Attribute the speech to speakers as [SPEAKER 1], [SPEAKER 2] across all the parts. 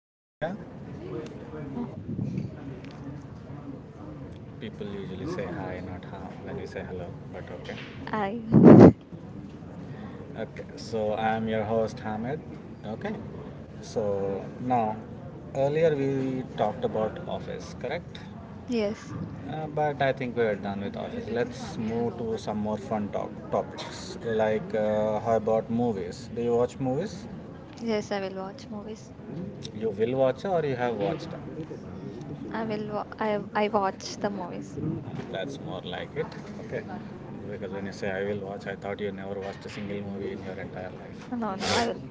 [SPEAKER 1] Hello, Divya.
[SPEAKER 2] Hello.
[SPEAKER 1] People usually say hi, not ha when we say hello, but okay.
[SPEAKER 2] I
[SPEAKER 1] Okay, so I'm your host, Hamid. Okay, so now earlier we talked about office, correct?
[SPEAKER 2] Yes,
[SPEAKER 1] But I think we are done with office. Let's move to some more fun talk topics. Like, how about movies? Do you watch movies?
[SPEAKER 2] yes. I will watch movies.
[SPEAKER 1] You will watch or you have watched them?
[SPEAKER 2] I will. I watch the movies.
[SPEAKER 1] That's more like it. Okay. Because when you say I will watch, I thought you never watched a single movie in your entire
[SPEAKER 2] No, no. I
[SPEAKER 1] life.
[SPEAKER 2] will.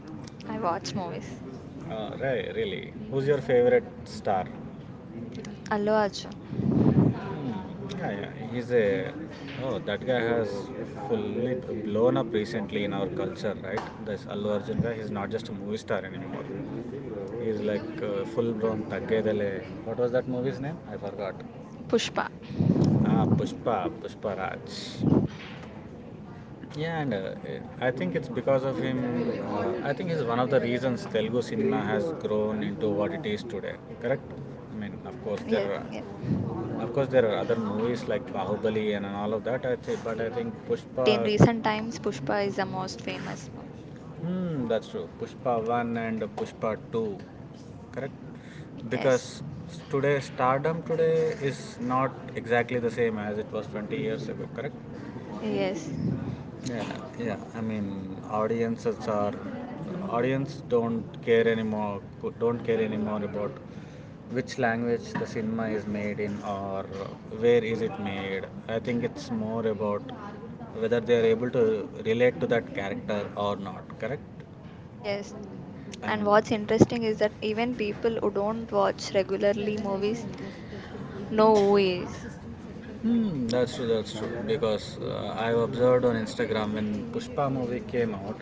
[SPEAKER 2] I watch movies.
[SPEAKER 1] Right, really. Who's your favorite star?
[SPEAKER 2] Allu Arjun,
[SPEAKER 1] Hmm, yeah, yeah. He's a. Oh, that guy has fully blown up recently in our culture, right? This Allu Arjun guy, he's not just a movie star anymore. He's like full blown Taggedale. What was that movie's name? I forgot.
[SPEAKER 2] Pushpa.
[SPEAKER 1] Pushpa, Pushpa Raj. Yeah, and I think it's because of him. I think he's one of the reasons Telugu cinema has grown into what it is today. Correct? I mean, of
[SPEAKER 2] Yes,
[SPEAKER 1] course there
[SPEAKER 2] yes,
[SPEAKER 1] are,
[SPEAKER 2] yes.
[SPEAKER 1] of course there are other movies like Bahubali and all of that. But I think
[SPEAKER 2] But
[SPEAKER 1] Pushpa.
[SPEAKER 2] in recent times, Pushpa is the most famous movie.
[SPEAKER 1] Hmm, that's true. Pushpa one and Pushpa two. Correct?
[SPEAKER 2] Yes,
[SPEAKER 1] Because today stardom today is not exactly the same as it was 20 years ago. Correct?
[SPEAKER 2] yes,
[SPEAKER 1] Yeah, yeah. I mean, audience don't care anymore. Don't care anymore about which language the cinema is made in or where is it made. I think it's more about whether they are able to relate to that character or not. Correct?
[SPEAKER 2] yes.
[SPEAKER 1] I
[SPEAKER 2] And
[SPEAKER 1] mean,
[SPEAKER 2] what's interesting is that even people who don't watch regularly movies know who he is.
[SPEAKER 1] hmm, that's true, that's true. Because I've observed on Instagram when Pushpa movie came out,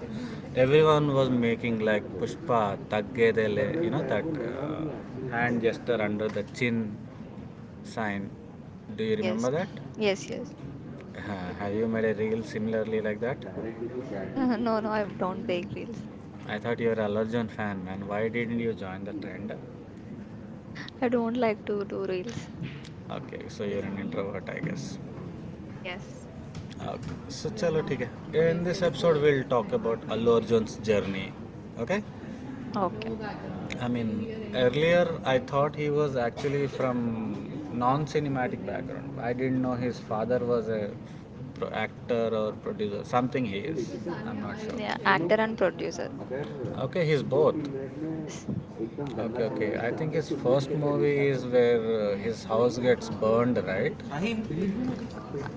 [SPEAKER 1] everyone was making like Pushpa, Taggedele, that hand gesture under the chin sign. Do you
[SPEAKER 2] Yes,
[SPEAKER 1] remember that?
[SPEAKER 2] yes, yes.
[SPEAKER 1] Have you made a reel similarly like that?
[SPEAKER 2] No, no. I don't make reels.
[SPEAKER 1] I thought you were a Allergen fan, man. Why didn't you join the trend?
[SPEAKER 2] I don't like to do reels.
[SPEAKER 1] Okay, so you're an introvert, I guess.
[SPEAKER 2] Yes.
[SPEAKER 1] Okay, so chalo theek hai. In this episode, we'll talk about Allu Arjun's journey. Okay.
[SPEAKER 2] Okay.
[SPEAKER 1] I mean, earlier I thought he was actually from non-cinematic background. I didn't know his father was a actor or producer. Something he is. I'm not sure.
[SPEAKER 2] Yeah, actor and producer.
[SPEAKER 1] Okay, he's both.
[SPEAKER 2] Yes.
[SPEAKER 1] Okay, okay. I think his first movie is where his house gets burned, right?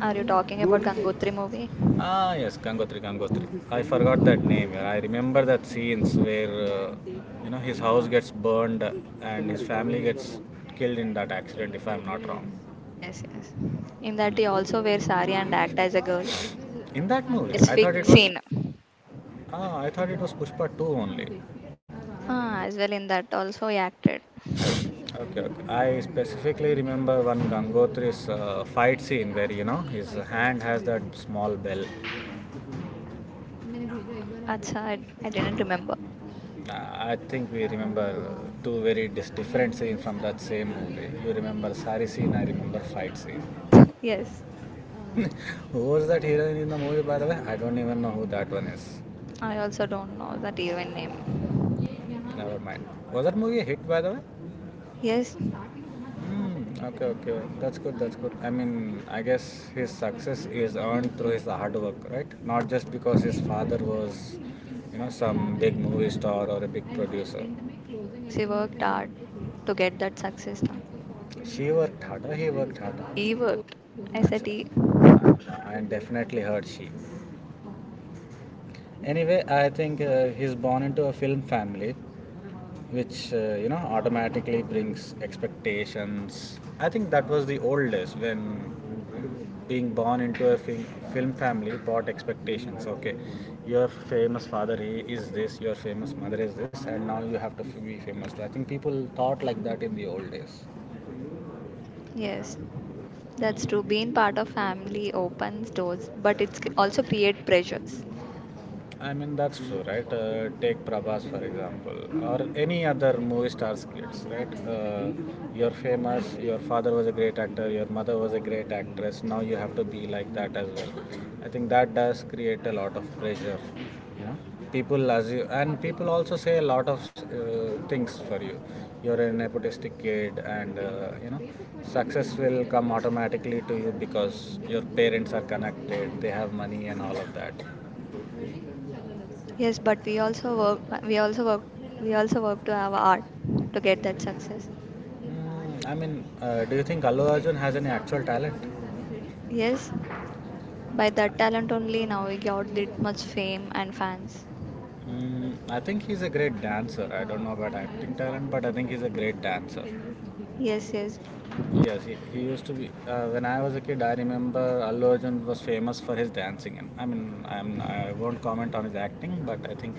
[SPEAKER 2] Are you talking about Gangotri movie?
[SPEAKER 1] Yes, Gangotri, Gangotri. I forgot that name. Yeah. I remember that scenes where his house gets burned and his family gets killed in that accident. If I'm not wrong,
[SPEAKER 2] Yes, yes. In that he
[SPEAKER 1] hmm.
[SPEAKER 2] also wears sari and act as a girl.
[SPEAKER 1] In that movie,
[SPEAKER 2] Specific scene.
[SPEAKER 1] I thought it was Pushpa two only.
[SPEAKER 2] Ah, as well in that also he acted.
[SPEAKER 1] Okay, okay. I specifically remember one Gangotri's fight scene where his hand has that small bell. मैंने भेजा एक बार आप
[SPEAKER 2] Acha, I,
[SPEAKER 1] देखिए इस
[SPEAKER 2] I didn't remember.
[SPEAKER 1] पे. I think we remember two very different scenes from that same movie. You remember sari scene, I remember fight scene.
[SPEAKER 2] Yes.
[SPEAKER 1] Who was that heroine in the movie, by the way? I don't even know who that one is.
[SPEAKER 2] I also don't know that heroine name.
[SPEAKER 1] Never mind. Was that movie a hit, by the way?
[SPEAKER 2] Yes,
[SPEAKER 1] इसको. Hmm, okay, okay. That's good, that's good. I mean, I guess his success is earned through his hard work, right? Not just because his father was some big movie star or a big producer.
[SPEAKER 2] yes, he worked hard to get that success now.
[SPEAKER 1] She worked harder, he worked harder.
[SPEAKER 2] He
[SPEAKER 1] We'll.
[SPEAKER 2] worked. I said
[SPEAKER 1] Acha.
[SPEAKER 2] he.
[SPEAKER 1] I definitely heard she. Anyway, I think he's born into a film family, which automatically brings expectations. I think that was the old days when being born into a film family brought expectations. Okay, your famous father he is this, your famous mother is this, and now you have to be famous too. I think people thought like that in the old days.
[SPEAKER 2] Yes, that's true. Being part of family opens doors, but it's also create pressures.
[SPEAKER 1] I mean, that's true, right? Take Prabhas, for example, or any other movie stars' kids, right? You're famous, your father was a great actor, your mother was a great actress, now you have to be like that as well. I think that does create a lot of pressure, you know? People as you, and people also say a lot of things for you. You're a nepotistic kid, and success will come automatically to you because your parents are connected, they have money, and all of that.
[SPEAKER 2] Yes, but we also work. We also work. We also work to have art to get that success.
[SPEAKER 1] I mean, do you think Allu Arjun has any actual talent?
[SPEAKER 2] Yes, by that talent only now we got that much fame and fans.
[SPEAKER 1] I think he's a great dancer. I don't know about acting talent, but I think he's a great dancer.
[SPEAKER 2] Yes, yes.
[SPEAKER 1] Yes, he used to be. When I was a kid, I remember Allu Arjun was famous for his dancing. And I mean, I won't comment on his acting, but I think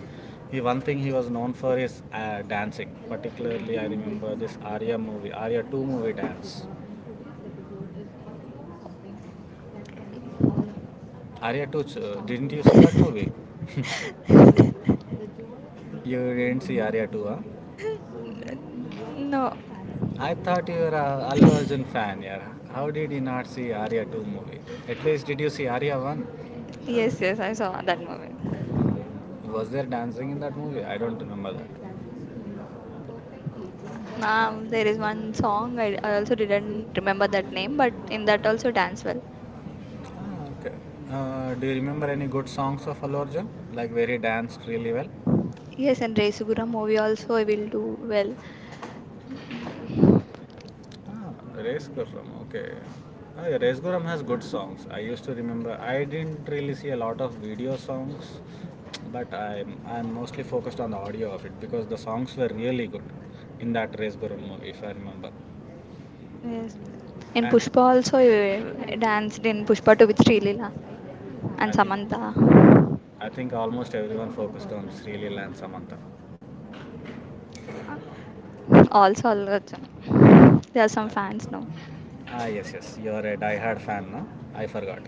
[SPEAKER 1] he one thing he was known for is dancing. Particularly, I remember this Arya movie, Arya 2 movie dance. Arya 2, didn't you see that movie? You didn't see Arya 2, huh?
[SPEAKER 2] No.
[SPEAKER 1] I thought you were a Allu Arjun fan, yeah. How did you not see Arya 2 movie? At least did you see Arya 1?
[SPEAKER 2] Yes, yes. I saw that movie.
[SPEAKER 1] Was there dancing in that movie? I don't remember that.
[SPEAKER 2] Now there is one song I also didn't remember that name, but in that also dance well.
[SPEAKER 1] Okay. Do you remember any good songs of Allu Arjun? Like where he danced really well?
[SPEAKER 2] Yes, and Resugura movie also I will do well. Mm,
[SPEAKER 1] Ah, Race Gurram, okay. Yeah, Race Gurram has good songs. I used to remember. I didn't really see a lot of video songs, but I'm mostly focused on the audio of it because the songs were really good in that Race Gurram movie, if I remember.
[SPEAKER 2] Yes. In
[SPEAKER 1] And
[SPEAKER 2] Pushpa also you danced in Pushpa to with Srilila
[SPEAKER 1] I
[SPEAKER 2] and
[SPEAKER 1] think
[SPEAKER 2] Samantha.
[SPEAKER 1] I think almost everyone focused on Sri Leela and Samantha.
[SPEAKER 2] Also Allu Arjun. There are some fans now.
[SPEAKER 1] Yes, yes. You're a die-hard fan, no? I forgot.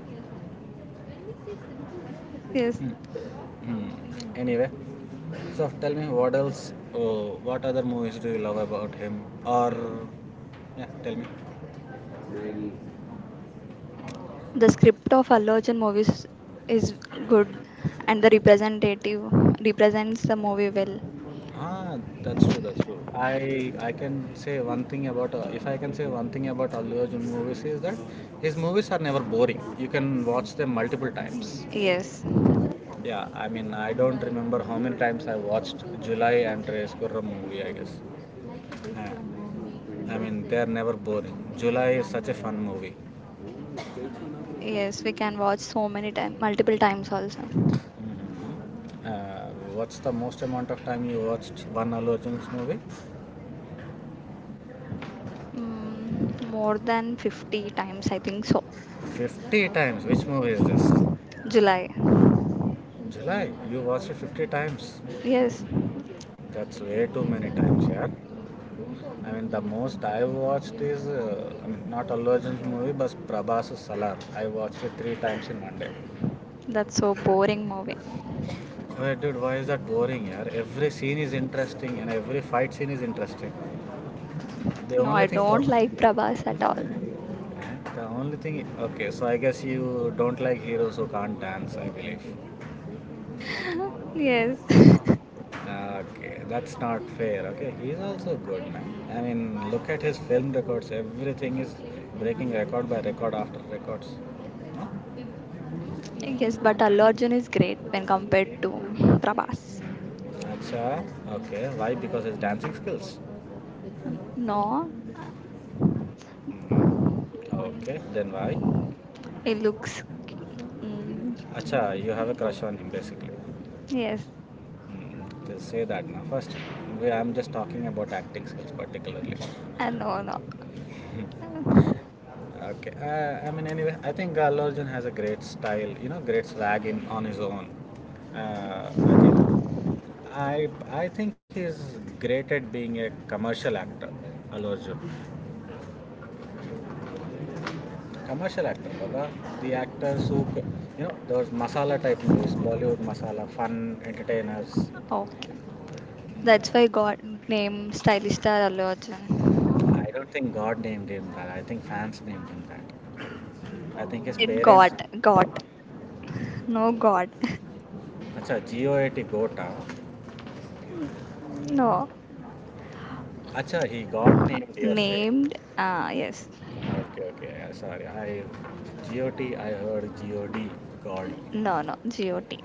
[SPEAKER 2] Yes.
[SPEAKER 1] Hmm. Anyway, so tell me what other movies do you love about him? Or yeah, tell me.
[SPEAKER 2] The script of Allu Arjun movies is good and the representative represents the movie well.
[SPEAKER 1] That's true. That's true. I can say one thing about, if I can say one thing about Allu Arjun movies, is that his movies are never boring. You can watch them multiple times.
[SPEAKER 2] Yes.
[SPEAKER 1] Yeah, I mean, I don't remember how many times I watched July and Race Gurram movie, I guess. Uh, I mean, they are never boring. July is such a fun movie.
[SPEAKER 2] Yes, we can watch so many times, multiple times also.
[SPEAKER 1] Uh, what's the most amount of time you watched one Allu Arjun's movie?
[SPEAKER 2] More than 50 times, I think so.
[SPEAKER 1] 50 times. Which movie is this?
[SPEAKER 2] July.
[SPEAKER 1] July. You watched it 50 times.
[SPEAKER 2] Yes.
[SPEAKER 1] That's way too many times, yeah. I mean, the most I watched is, I mean, not Allu Arjun's movie, but Prabhas's Salar. I watched it three times in one day.
[SPEAKER 2] That's so boring movie.
[SPEAKER 1] Wait, dude, why is that boring, yeah? Every scene is interesting and every fight scene is interesting. The
[SPEAKER 2] No, I
[SPEAKER 1] only thing, the
[SPEAKER 2] don't like Prabhas at all.
[SPEAKER 1] only thing, okay, so I guess you don't like heroes who can't dance, I believe.
[SPEAKER 2] Yes.
[SPEAKER 1] Okay, that's not fair, okay? He's also good, man. I mean, look at his film records, everything is breaking record by record after records. Huh?
[SPEAKER 2] Yes, but Allu Arjun is great when compared to Prabhas.
[SPEAKER 1] Acha, okay, why? Because his dancing skills.
[SPEAKER 2] No,
[SPEAKER 1] Hmm. Okay, then why?
[SPEAKER 2] it looks. Mm,
[SPEAKER 1] Acha, you have a crush on him basically.
[SPEAKER 2] yes,
[SPEAKER 1] Just say that now. First, I'm just talking about acting skills particularly.
[SPEAKER 2] I know, no. Uh,
[SPEAKER 1] Okay. I mean, anyway, I think Allu Arjun has a great style. Great swag in on his own. Uh, I think. I I think he's great at being a commercial actor. Allu Arjun, commercial actor. Baba. The actors who, those masala type movies, Bollywood masala, fun entertainers.
[SPEAKER 2] Okay. That's why God named Stylish Star Allu Arjun.
[SPEAKER 1] I don't think God named him that. I think fans named him that. I
[SPEAKER 2] He
[SPEAKER 1] think his
[SPEAKER 2] said
[SPEAKER 1] parents
[SPEAKER 2] God, God. No, God.
[SPEAKER 1] अच्छा, GOAT goat ah?
[SPEAKER 2] No.
[SPEAKER 1] Acha, he got named, you say.
[SPEAKER 2] Named. Ah, yes.
[SPEAKER 1] Okay, okay. Sorry, I GOT. I heard GOD. God.
[SPEAKER 2] No, no. GOT.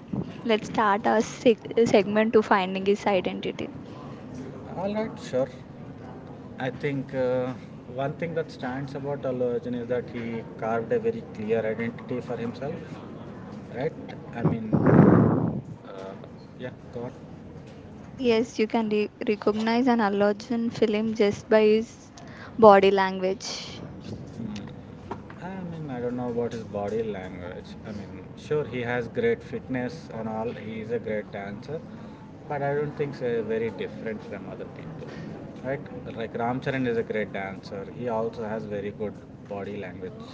[SPEAKER 2] Let's start our segment to finding his identity.
[SPEAKER 1] All right, sure. I think one thing that stands about Allu Arjun is that he carved a very clear identity for himself, right? I mean, uh, yeah, go on.
[SPEAKER 2] Yes, you can recognize an Allergen film just by his body language.
[SPEAKER 1] I mean, I don't know about his body language. I mean, sure, he has great fitness and all. He is a great dancer, but I don't think so very different from other people, right? Like Ramcharan is a great dancer. He also has very good body language.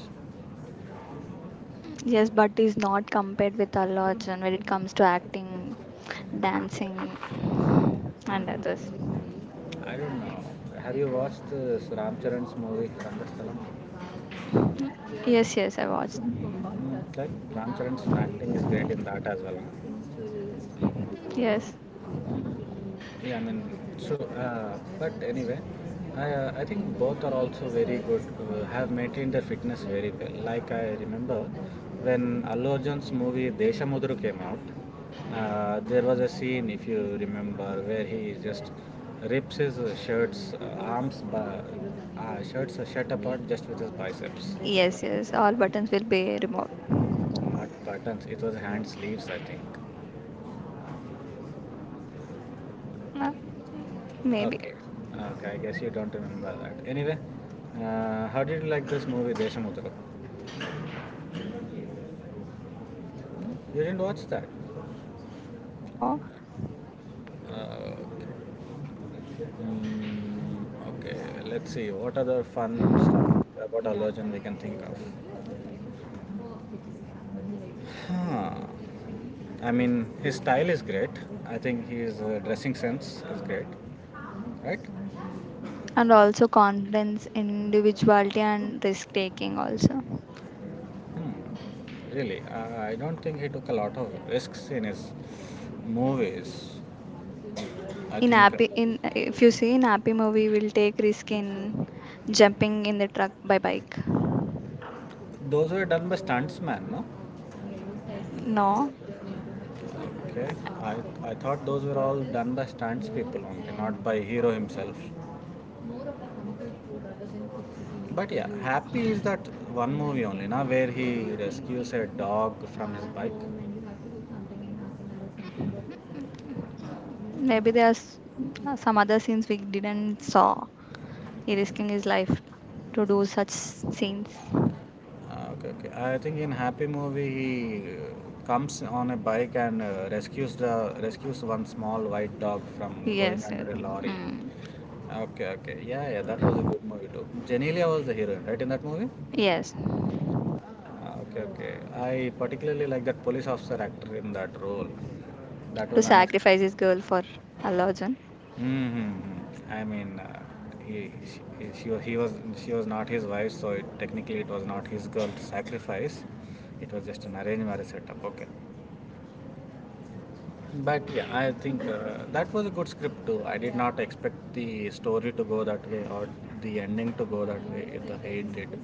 [SPEAKER 2] Yes, but is not compared with Allergen when it comes to acting, dancing, and others.
[SPEAKER 1] I don't know. Have you watched this Ramcharan's movie Rangasthalam?
[SPEAKER 2] Yes, yes, I watched.
[SPEAKER 1] Like Ram Charan's acting is great in that as well. Huh?
[SPEAKER 2] Yes,
[SPEAKER 1] Yeah, I mean, true. But anyway, I think both are also very good, have maintained their fitness very well. Like I remember when Allu Arjun's movie Deshamudru came out, there was a scene, if you remember, where he just rips his shirts, arms, shirts are shut apart just with his biceps.
[SPEAKER 2] yes, yes. All buttons will be removed.
[SPEAKER 1] Not buttons. It was hand sleeves, I think.
[SPEAKER 2] Uh, Maybe.
[SPEAKER 1] Okay. Okay. I guess you don't remember that. Anyway, how did you like this movie, Deshamudra? You didn't watch that.
[SPEAKER 2] No.
[SPEAKER 1] Okay. Mm, okay. Let's see. What other fun stuff about Allergen we can think of? Huh. I mean, his style is great. I think his dressing sense is great, right?
[SPEAKER 2] And also confidence, individuality, and risk taking also.
[SPEAKER 1] Really, I don't think he took a lot of risks in his movies. I
[SPEAKER 2] In
[SPEAKER 1] think
[SPEAKER 2] Happy, in If you see in Happy movie, will take risk in jumping in the truck by bike.
[SPEAKER 1] those were done by stuntsmen, no?
[SPEAKER 2] No,
[SPEAKER 1] Okay, I, I thought those were all done by stunts people only, not by hero himself. But yeah, Happy is that one movie only, na, where he rescues a dog from his bike.
[SPEAKER 2] maybe there's some other scenes we didn't saw. He risking his life to do such scenes.
[SPEAKER 1] Ah, okay, okay. I think in Happy movie he comes on a bike and rescues the rescues one small white dog from going
[SPEAKER 2] Yes, yes,
[SPEAKER 1] under a lorry.
[SPEAKER 2] mm,
[SPEAKER 1] Okay, okay. Yeah, yeah. That was a good movie too. Janelia was the heroine, right, in that movie?
[SPEAKER 2] yes.
[SPEAKER 1] Ah, okay, okay. I particularly like that police officer actor in that role. That
[SPEAKER 2] To
[SPEAKER 1] was unexpected.
[SPEAKER 2] sacrifice his girl for Allah.
[SPEAKER 1] Mm-hmm. I mean, he, she, wa- he was she was not his wife, so technically it was not his girl to sacrifice. It was just an arranged marriage setup. Okay, but yeah, I think that was a good script too. I did not expect the story to go that way or the ending to go that way. It, the way it did.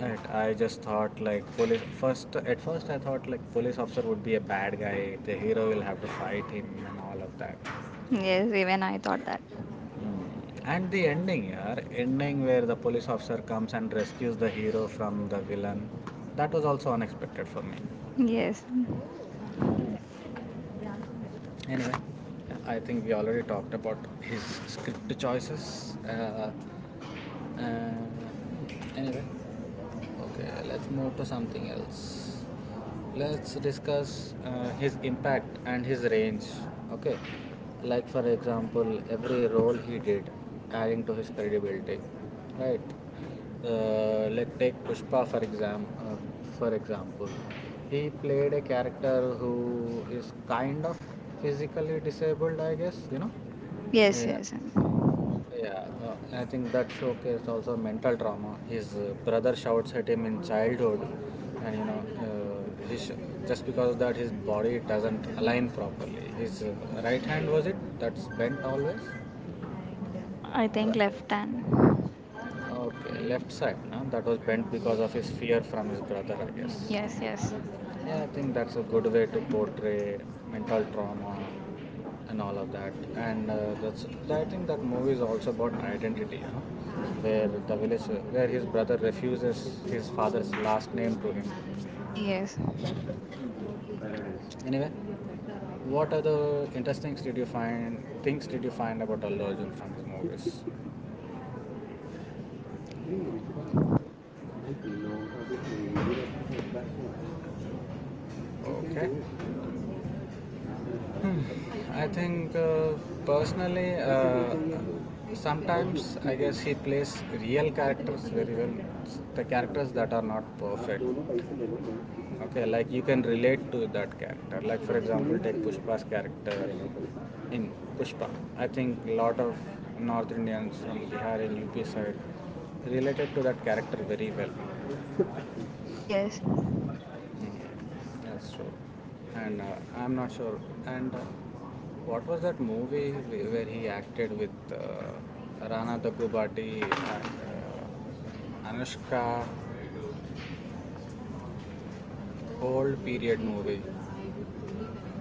[SPEAKER 1] Right, I just thought like police first at first I thought like police officer would be a bad guy. The hero will have to fight him and all of that.
[SPEAKER 2] Yes, even I thought that.
[SPEAKER 1] Mm. And the ending, yeah, ending where the police officer comes and rescues the hero from the villain, that was also unexpected for me.
[SPEAKER 2] Yes,
[SPEAKER 1] Anyway, I think we already talked about his script choices. Uh, anyway, okay, let's move to something else. Let's discuss his impact and his range. Okay, like for example, every role he did, adding to his credibility, right? Us take Pushpa for example. For example he played a character who is kind of physically disabled, I guess.
[SPEAKER 2] yes,
[SPEAKER 1] Yeah,
[SPEAKER 2] yes.
[SPEAKER 1] yeah. I think that showcased also mental trauma. His brother shouts at him in childhood, and just because of that his body doesn't align properly. His right hand, was it, that's bent always.
[SPEAKER 2] I think
[SPEAKER 1] Ri-
[SPEAKER 2] left hand.
[SPEAKER 1] okay, left side, no? That was bent because of his fear from his brother, I guess.
[SPEAKER 2] Yes, yes,
[SPEAKER 1] Yeah, I think that's a good way to portray mental trauma and all of that. And that's, I think, that movie is also about identity, where the village, where his brother refuses his father's last name to him.
[SPEAKER 2] yes,
[SPEAKER 1] Anyway, what other interesting did you find? Things did you find about Allu Arjun from his movies? Okay. Hmm. I think personally, sometimes I guess he plays real characters very well. The characters that are not perfect. Okay, like you can relate to that character. Like for example, take Pushpa's character in Pushpa. I think a lot of North Indians from Bihar and UP side related to that character very well.
[SPEAKER 2] yes.
[SPEAKER 1] Yeah, that's true. And I'm not sure. And what was that movie where he acted with Rana Daggubati and Anushka? Old period movie.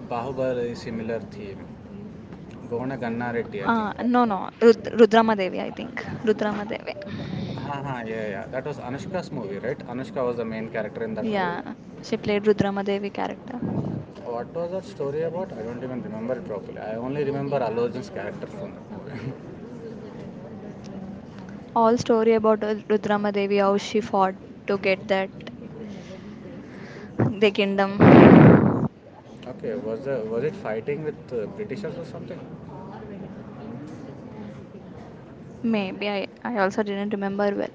[SPEAKER 1] Bahubali similar theme. Gona Ganna Reddy, I think.
[SPEAKER 2] No, no, Rudramadevi, I think. Rudramadevi.
[SPEAKER 1] Ha ha, yeah, yeah. That was Anushka's movie, right? Anushka was the main character in that movie.
[SPEAKER 2] Yeah, she played Rudramadevi character.
[SPEAKER 1] What was that story about? I don't even remember it properly. I only remember Allu Arjun's character from that movie.
[SPEAKER 2] All story about Rudramadevi, how she fought to get that the kingdom.
[SPEAKER 1] Okay, was it fighting with Britishers or something?
[SPEAKER 2] Maybe I also didn't remember well.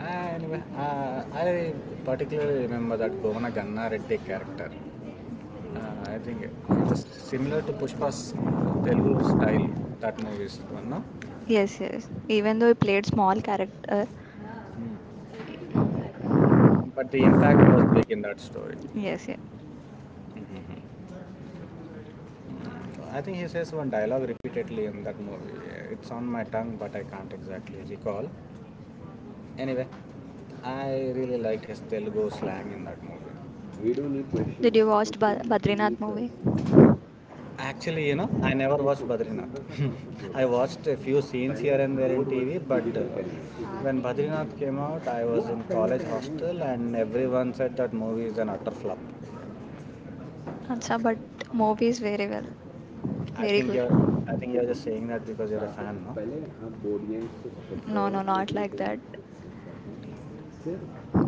[SPEAKER 1] Anyway, I particularly remember that Govana Ganna Reddy character. I think it was similar to Pushpa's Telugu style, that movie's one, no?
[SPEAKER 2] Yes, yes. Even though he played small character.
[SPEAKER 1] But the impact was big in that story.
[SPEAKER 2] Yes, yes.
[SPEAKER 1] I think he says one dialogue repeatedly in that movie. It's on my tongue, but I can't exactly recall. Anyway, I really liked his Telugu slang in that movie. We don't need
[SPEAKER 2] Did
[SPEAKER 1] questions.
[SPEAKER 2] you watch
[SPEAKER 1] Question
[SPEAKER 2] Badrinath
[SPEAKER 1] needs
[SPEAKER 2] movie?
[SPEAKER 1] answers. Actually, I never watched Badrinath. I watched a few scenes here and there in TV, but when Badrinath came out, I was in college hostel, and everyone said that movie is an utter flop.
[SPEAKER 2] Acha, but movie is very well,
[SPEAKER 1] I
[SPEAKER 2] very
[SPEAKER 1] think
[SPEAKER 2] good.
[SPEAKER 1] you're, I think you're just saying that because you're a fan, no?
[SPEAKER 2] No, no, not like that.
[SPEAKER 1] Sir,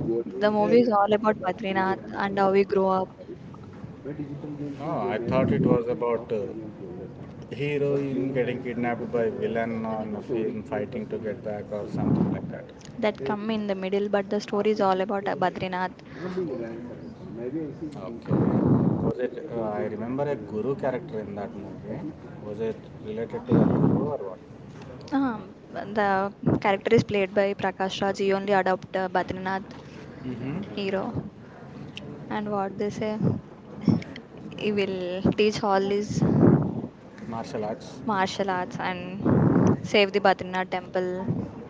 [SPEAKER 1] board
[SPEAKER 2] The
[SPEAKER 1] games
[SPEAKER 2] movie is
[SPEAKER 1] need
[SPEAKER 2] all about
[SPEAKER 1] about three
[SPEAKER 2] Badrinath
[SPEAKER 1] runs for
[SPEAKER 2] and how we
[SPEAKER 1] your
[SPEAKER 2] grow up.
[SPEAKER 1] top right. But digital games. Oh, I be thought it story was and about heroine Game getting kidnapped by villain on a story film, fighting to get back or something like that.
[SPEAKER 2] That
[SPEAKER 1] They
[SPEAKER 2] come in the middle but the story is all about
[SPEAKER 1] after
[SPEAKER 2] Badrinath.
[SPEAKER 1] not being random. Maybe I see. Okay. Was it? I remember a guru character in that movie. Was it related to that guru or what?
[SPEAKER 2] The character is played by Prakash Raj. He only adopt Badrinath
[SPEAKER 1] Mm-hmm.
[SPEAKER 2] hero, and what they say, he will teach all his
[SPEAKER 1] Martial arts.
[SPEAKER 2] martial arts and save the Badrinath temple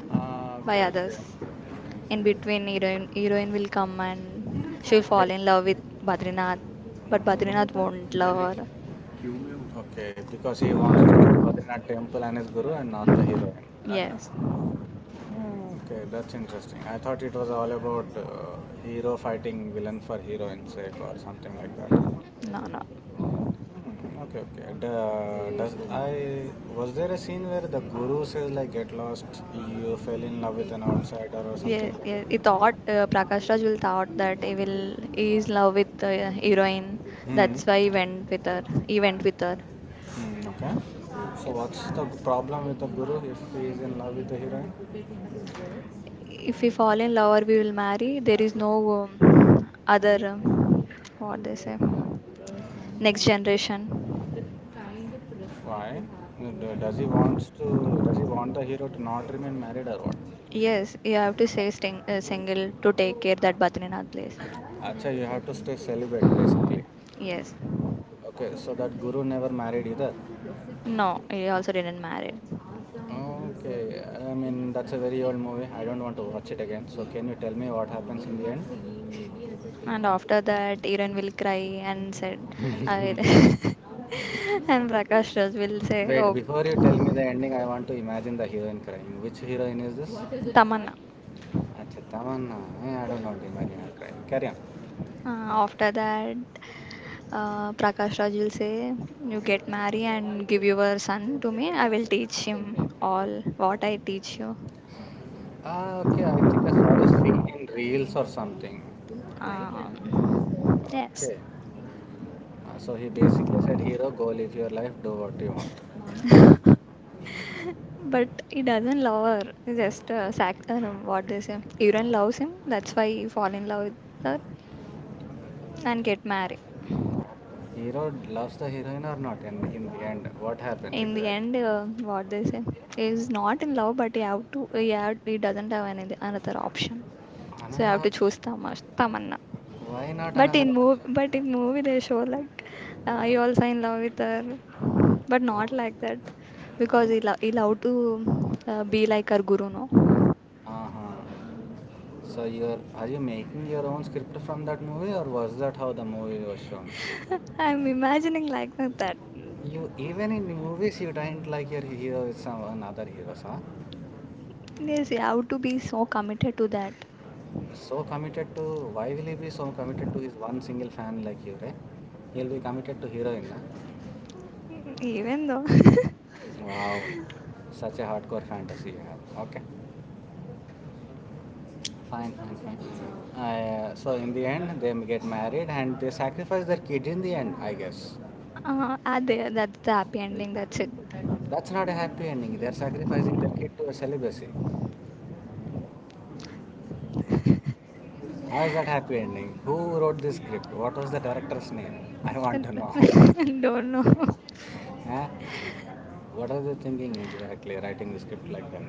[SPEAKER 1] Ah,
[SPEAKER 2] by
[SPEAKER 1] okay,
[SPEAKER 2] others.
[SPEAKER 1] okay.
[SPEAKER 2] In between, heroine will come and she'll fall
[SPEAKER 1] Take.
[SPEAKER 2] in love with Badrinath, but Badrinath won't love
[SPEAKER 1] Then next,
[SPEAKER 2] her.
[SPEAKER 1] queue. Okay, because he wants to choose Badrinath temple and his guru and not the heroine. Lasha.
[SPEAKER 2] Yes.
[SPEAKER 1] Hmm, okay, that's interesting. I thought it was all about hero fighting villain for heroine's sake or something like that.
[SPEAKER 2] No, no.
[SPEAKER 1] Hmm, okay, okay. And, does I was there a scene where the guru says like get lost, you fell in love with an outsider or something,
[SPEAKER 2] Yes,
[SPEAKER 1] like
[SPEAKER 2] yes. He
[SPEAKER 1] that?
[SPEAKER 2] thought Prakash Raj will thought that he is love with the heroine.
[SPEAKER 1] Hmm.
[SPEAKER 2] That's why he went with her. He went with her.
[SPEAKER 1] Mm, okay. So what's the problem with the guru if he is in love with the heroine?
[SPEAKER 2] If we fall in love or we will marry, there is no other, what they say, next generation.
[SPEAKER 1] Why? Does he wants to? Does he want the hero to not remain married or what?
[SPEAKER 2] Yes, you have to say single to take care that Badrinath place.
[SPEAKER 1] Acha, you have to stay celibate basically.
[SPEAKER 2] Yes.
[SPEAKER 1] Okay, so that guru never married either.
[SPEAKER 2] No, he also didn't marry.
[SPEAKER 1] Okay, I mean that's a very old movie. I don't want to watch it again. So can you tell me what happens in the end?
[SPEAKER 2] And after that, Iran will cry and said, I... and Prakash Raj will say,
[SPEAKER 1] Wait,
[SPEAKER 2] "Oh,
[SPEAKER 1] before you tell me the ending, I want to imagine the heroine crying. Which heroine is this?
[SPEAKER 2] Tamanna.
[SPEAKER 1] Achha, Tamanna. Eh, I don't want to imagine her crying. Carry on.
[SPEAKER 2] Uh, After that, Prakash Raj will say, "You get married and give your son to me. I will teach him all what I teach you."
[SPEAKER 1] Ah, okay. I think I saw this scene in Reels or something.
[SPEAKER 2] Um, yes,
[SPEAKER 1] Okay. So he basically said, hero, go live your life, do what you want.
[SPEAKER 2] but he doesn't love her. He just no, what they say. Iran loves him. That's why he fall in love with her and get married.
[SPEAKER 1] Hero loves the heroine or not? And in the end, what happens
[SPEAKER 2] In the
[SPEAKER 1] exactly?
[SPEAKER 2] end, what they say, is not in love, but you have to. Yeah, he doesn't have any another option, so you
[SPEAKER 1] Another
[SPEAKER 2] have to
[SPEAKER 1] option?
[SPEAKER 2] choose Tamanna.
[SPEAKER 1] Why not
[SPEAKER 2] But
[SPEAKER 1] another
[SPEAKER 2] in
[SPEAKER 1] option?
[SPEAKER 2] movie, but in movie they show like he also in love with her, but
[SPEAKER 1] Oh.
[SPEAKER 2] not like that because
[SPEAKER 1] Oh.
[SPEAKER 2] he love to be like her guru, no.
[SPEAKER 1] Uh-huh. So you're are you making your own script from that movie or was that how the movie was shown?
[SPEAKER 2] I'm imagining like that.
[SPEAKER 1] You even in movies you don't like your hero with some another heroes, huh?
[SPEAKER 2] Yes, you have to be so committed to that,
[SPEAKER 1] So committed to Why will he be so committed to his one single fan like you, right? He'll be committed to heroine. Huh?
[SPEAKER 2] even though.
[SPEAKER 1] Wow, such a hardcore fantasy you have. Okay, fine, fine, fine. So in the end, they get married and they sacrifice their kid in the end, I guess.
[SPEAKER 2] There, that's the happy ending. That's it.
[SPEAKER 1] That's not a happy ending. They're sacrificing their kid to a celibacy. How is that happy ending? Who wrote this script? What was the director's name? I want to know.
[SPEAKER 2] Don't know.
[SPEAKER 1] Eh? What are they thinking exactly writing the script like that?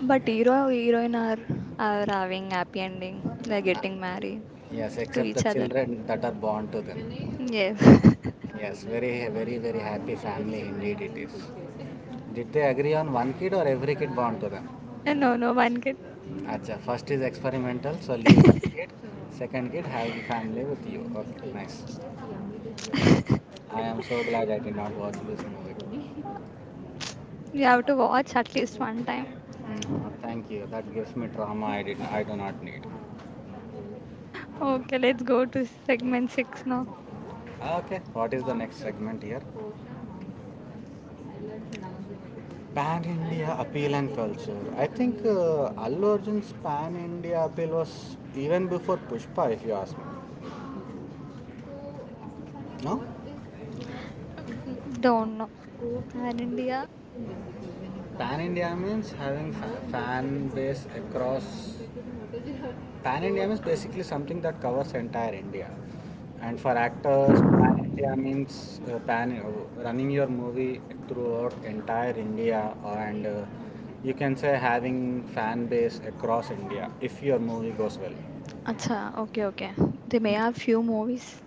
[SPEAKER 2] But hero heroine are having happy ending. They're
[SPEAKER 1] Ah,
[SPEAKER 2] getting married
[SPEAKER 1] yes,
[SPEAKER 2] to
[SPEAKER 1] except the
[SPEAKER 2] each other.
[SPEAKER 1] children that are born to them.
[SPEAKER 2] Yes.
[SPEAKER 1] Yes, very, very, very happy family indeed it is. Did they agree on one kid or every kid born to them?
[SPEAKER 2] And no, no one can.
[SPEAKER 1] Acha, first is experimental, so leave that kid. Second kid, have family with you. Okay, nice. I am so glad I did not watch this movie.
[SPEAKER 2] You have to watch at least one time.
[SPEAKER 1] Thank you. That gives me drama. I do not need.
[SPEAKER 2] Okay, let's go to segment six now.
[SPEAKER 1] Okay, what is the next segment here? Pan India appeal and culture. I think Allu Arjun's Pan India appeal was even before Pushpa, if you ask me. No?
[SPEAKER 2] Mm, Don't know. And India.
[SPEAKER 1] Pan India means having fan base across. Pan India means basically something that covers entire India. And for actors, Pan India means pan running your movie throughout entire India, and you can say having fan base across India if your movie goes well.
[SPEAKER 2] Acha, okay, okay. They may have
[SPEAKER 1] Mm.
[SPEAKER 2] few movies.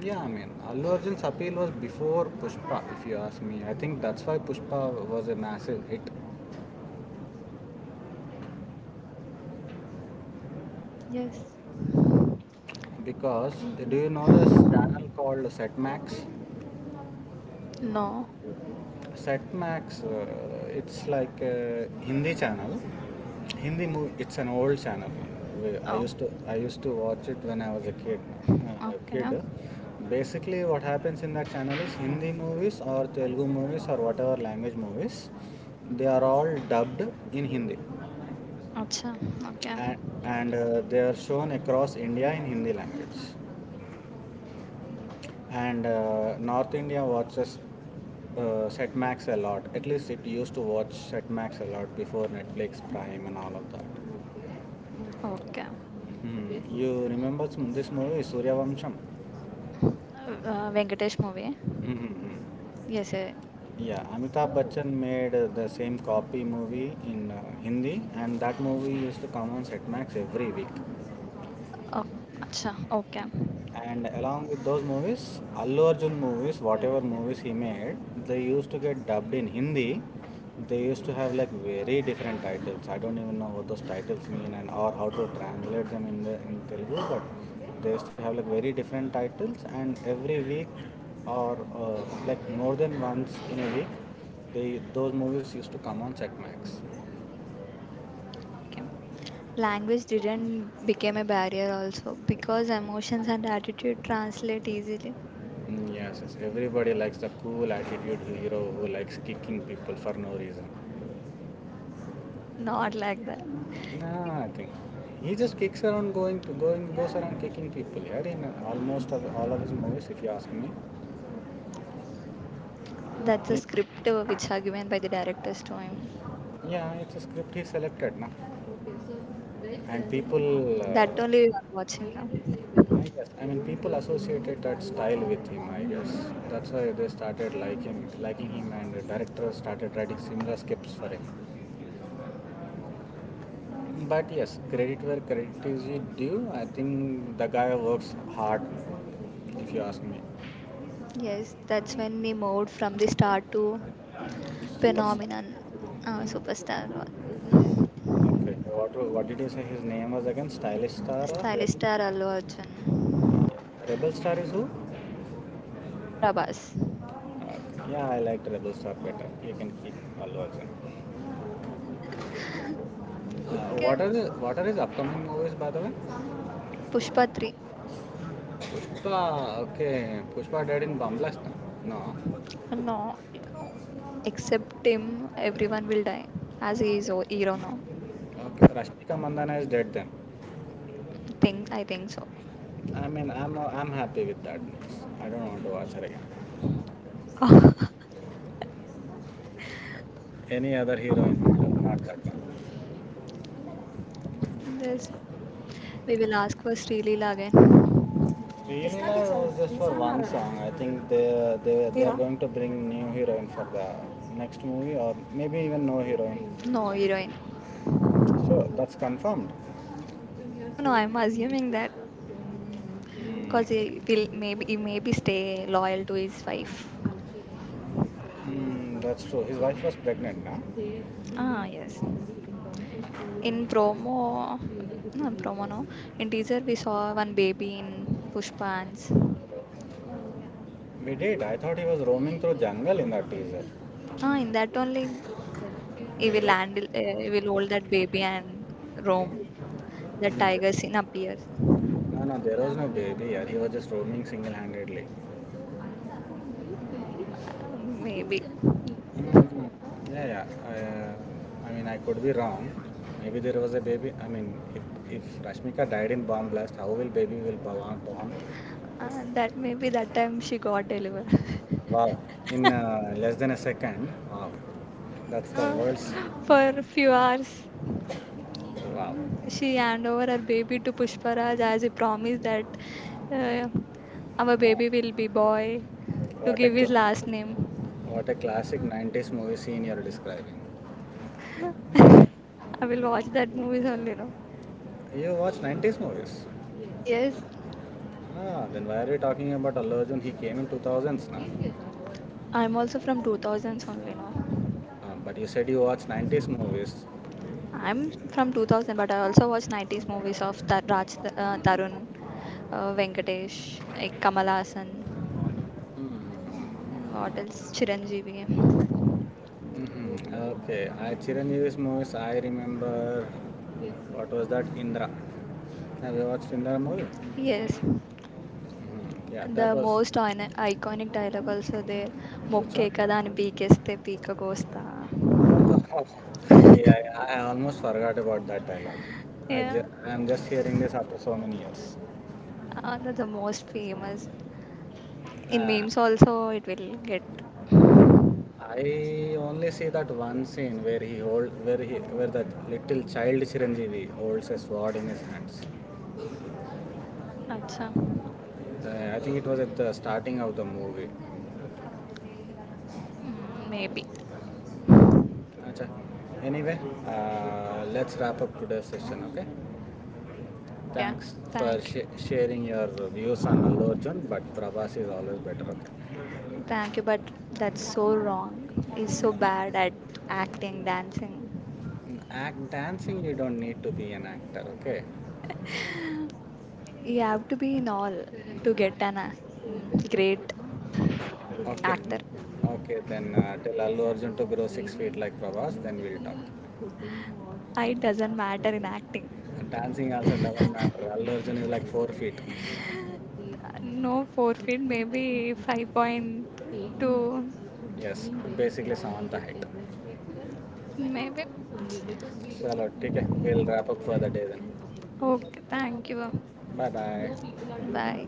[SPEAKER 1] Yeah, I mean, Allu Arjun's appeal was before Pushpa, if you ask me. I think that's why Pushpa was a massive hit.
[SPEAKER 2] Yes.
[SPEAKER 1] Because do you know this channel called Setmax?
[SPEAKER 2] No.
[SPEAKER 1] Setmax, it's like a Hindi channel. Hindi movie. It's an old channel. I
[SPEAKER 2] Oh,
[SPEAKER 1] used to I used to watch it when I was a kid.
[SPEAKER 2] okay.
[SPEAKER 1] Kid. Basically, what happens in that channel is Hindi movies or Telugu movies or whatever language movies. They are all dubbed in Hindi,
[SPEAKER 2] Acha, okay.
[SPEAKER 1] and, and they are shown across India in Hindi language. And North India watches Setmax a lot. At least it used to watch Setmax a lot before Netflix, Prime, and all of that.
[SPEAKER 2] Okay.
[SPEAKER 1] Hmm. You remember some, this movie, Suryavamsham?
[SPEAKER 2] Venkatesh movie.
[SPEAKER 1] Mm-hmm.
[SPEAKER 2] Yes, yeah.
[SPEAKER 1] Yeah, Amitabh Bachchan made the same copy movie in Hindi, and that movie used to come on Setmax every week.
[SPEAKER 2] Oh, acha, okay,
[SPEAKER 1] And along with those movies, Allu Arjun movies, whatever movies he made, they used to get dubbed in Hindi. They used to have like very different titles. I don't even know what those titles mean and or how to translate them in Telugu. But they used to have like very different titles, and every week or uh, like more than once in a week, they those movies used to come on Setmax.
[SPEAKER 2] okay. Language didn't become a barrier also because emotions and attitude translate easily.
[SPEAKER 1] Mm, yes, yes, everybody likes the cool attitude hero who likes kicking people for no reason.
[SPEAKER 2] Not like that.
[SPEAKER 1] Nah, I think he just kicks around, goes around kicking people. Yeah, in all of his movies, if you ask me.
[SPEAKER 2] That's the
[SPEAKER 1] In,
[SPEAKER 2] script which are given by the directors to him.
[SPEAKER 1] yeah, it's a script he selected, na. And people,
[SPEAKER 2] That only we are watching now.
[SPEAKER 1] I guess, I mean, people associated that style with him. I guess that's why they started liking him, and the director started writing similar scripts for him. But yes, credit where credit is due. I think the guy works hard, if you ask me.
[SPEAKER 2] Yes, that's when he moved from the star to
[SPEAKER 1] Super star.
[SPEAKER 2] phenomenon, superstar, or
[SPEAKER 1] Okay. What did you say his name was again? Stylish Star or Re-?
[SPEAKER 2] stylish star Allu Arjun,
[SPEAKER 1] Rebel Star is who?
[SPEAKER 2] Prabhas.
[SPEAKER 1] Okay. Yeah, I liked Rebel Star better. You can keep Allu Arjun.
[SPEAKER 2] Okay,
[SPEAKER 1] What are the what are his upcoming movies by the way?
[SPEAKER 2] Pushpa 3.
[SPEAKER 1] Pushpa. Okay, Pushpa dead in Bamblast. No.
[SPEAKER 2] No, except him, everyone will die as he is a hero now.
[SPEAKER 1] Okay. Rashmika Mandana is dead then.
[SPEAKER 2] Think I think so.
[SPEAKER 1] I mean, I'm happy with that news. I don't want to watch her again. Any other hero in Wildo? Not that one.
[SPEAKER 2] This we will ask for Sri Leela again.
[SPEAKER 1] Sreenila was just for one song. I think they are going to bring new heroine for the next movie or maybe even no heroine.
[SPEAKER 2] No heroine.
[SPEAKER 1] Sure, that's confirmed.
[SPEAKER 2] No, no, I'm assuming that
[SPEAKER 1] Mm.
[SPEAKER 2] because he maybe stay loyal to his wife.
[SPEAKER 1] Mm, that's true. His wife was pregnant now.
[SPEAKER 2] Ah, yes. In promo, no, in promo, no. In teaser we saw one baby in Pushpans.
[SPEAKER 1] We did. I thought he was roaming through jungle in that teaser.
[SPEAKER 2] Ah, in that only
[SPEAKER 1] They
[SPEAKER 2] he will hold that baby and roam. The
[SPEAKER 1] were in,
[SPEAKER 2] tiger scene appears.
[SPEAKER 1] No, no, there was no baby. Yeah, he was just roaming single-handedly.
[SPEAKER 2] Maybe
[SPEAKER 1] Mm-hmm. Yeah, yeah. I mean, I could be wrong. Maybe there was a baby. I mean, if Rashmika died in bomb blast, how will baby will born?
[SPEAKER 2] that maybe that time she got delivered.
[SPEAKER 1] Wow. In less than a second. Wow. That's the
[SPEAKER 2] No,
[SPEAKER 1] worst.
[SPEAKER 2] for a few hours
[SPEAKER 1] Wow.
[SPEAKER 2] she hand over her baby to Pushparaj as he promised that uh, our
[SPEAKER 1] Wow.
[SPEAKER 2] baby will be boy to
[SPEAKER 1] What a
[SPEAKER 2] give his
[SPEAKER 1] cl-
[SPEAKER 2] last name.
[SPEAKER 1] what a classic 90s movie scene you're describing.
[SPEAKER 2] I will watch that movies only, no.
[SPEAKER 1] You watch 90s movies?
[SPEAKER 2] Yes,
[SPEAKER 1] Ah, then why are we talking about Allu Arjun? He came in 2000s, na?
[SPEAKER 2] I'm also from 2000s only, no.
[SPEAKER 1] Ah, but you said you watched 90s movies.
[SPEAKER 2] I'm from 2000, but I also watch 90s movies of Tar- Raj Tarun, Venkatesh, like Kamal Haasan. What else? Chiranjeevi.
[SPEAKER 1] Mm-hmm. Okay, I Chiranjeevi's movies, I remember. What was that? Indra. Have you watched Indra movie?
[SPEAKER 2] Yes,
[SPEAKER 1] Mhm. Yeah, that
[SPEAKER 2] the
[SPEAKER 1] was.
[SPEAKER 2] most iconic dialogue also there.
[SPEAKER 1] Which
[SPEAKER 2] Mokke kada
[SPEAKER 1] one?
[SPEAKER 2] అని పీకేస్తే పీక కోస్తా.
[SPEAKER 1] Yeah, I almost forgot about that dialogue.
[SPEAKER 2] Yeah,
[SPEAKER 1] I'm just hearing this after so many years.
[SPEAKER 2] that's the most famous. In
[SPEAKER 1] Ah,
[SPEAKER 2] memes also, it will get.
[SPEAKER 1] I only see that one scene where he hold where he where that little child Chiranjeevi holds a sword in his hands.
[SPEAKER 2] Acha.
[SPEAKER 1] Uh, I think it was at the starting of the movie.
[SPEAKER 2] Maybe.
[SPEAKER 1] Acha. Anyway, let's wrap up today's session. Okay.
[SPEAKER 2] Okay.
[SPEAKER 1] Thanks for
[SPEAKER 2] Thank you.
[SPEAKER 1] sharing your views on Allu Arjun, but Prabhas is always better. Okay.
[SPEAKER 2] Thank you, but that's so wrong. He's so
[SPEAKER 1] No,
[SPEAKER 2] bad at acting, dancing.
[SPEAKER 1] no. Act dancing, you don't need to be an actor. Okay.
[SPEAKER 2] You have to be in all to get an mm, great
[SPEAKER 1] Okay,
[SPEAKER 2] actor.
[SPEAKER 1] Okay, then tell Allu Arjun to grow 6 feet like Prabhas, then we'll talk.
[SPEAKER 2] It doesn't matter in acting.
[SPEAKER 1] Dancing also doesn't matter. Allu Arjun is like 4 feet.
[SPEAKER 2] No forfeit, maybe 5.2.
[SPEAKER 1] Yes, basically Samantha height.
[SPEAKER 2] Maybe.
[SPEAKER 1] Chalo, ठीक है. We'll wrap up for the day then.
[SPEAKER 2] Okay, thank you.
[SPEAKER 1] Bye-bye.
[SPEAKER 2] Bye.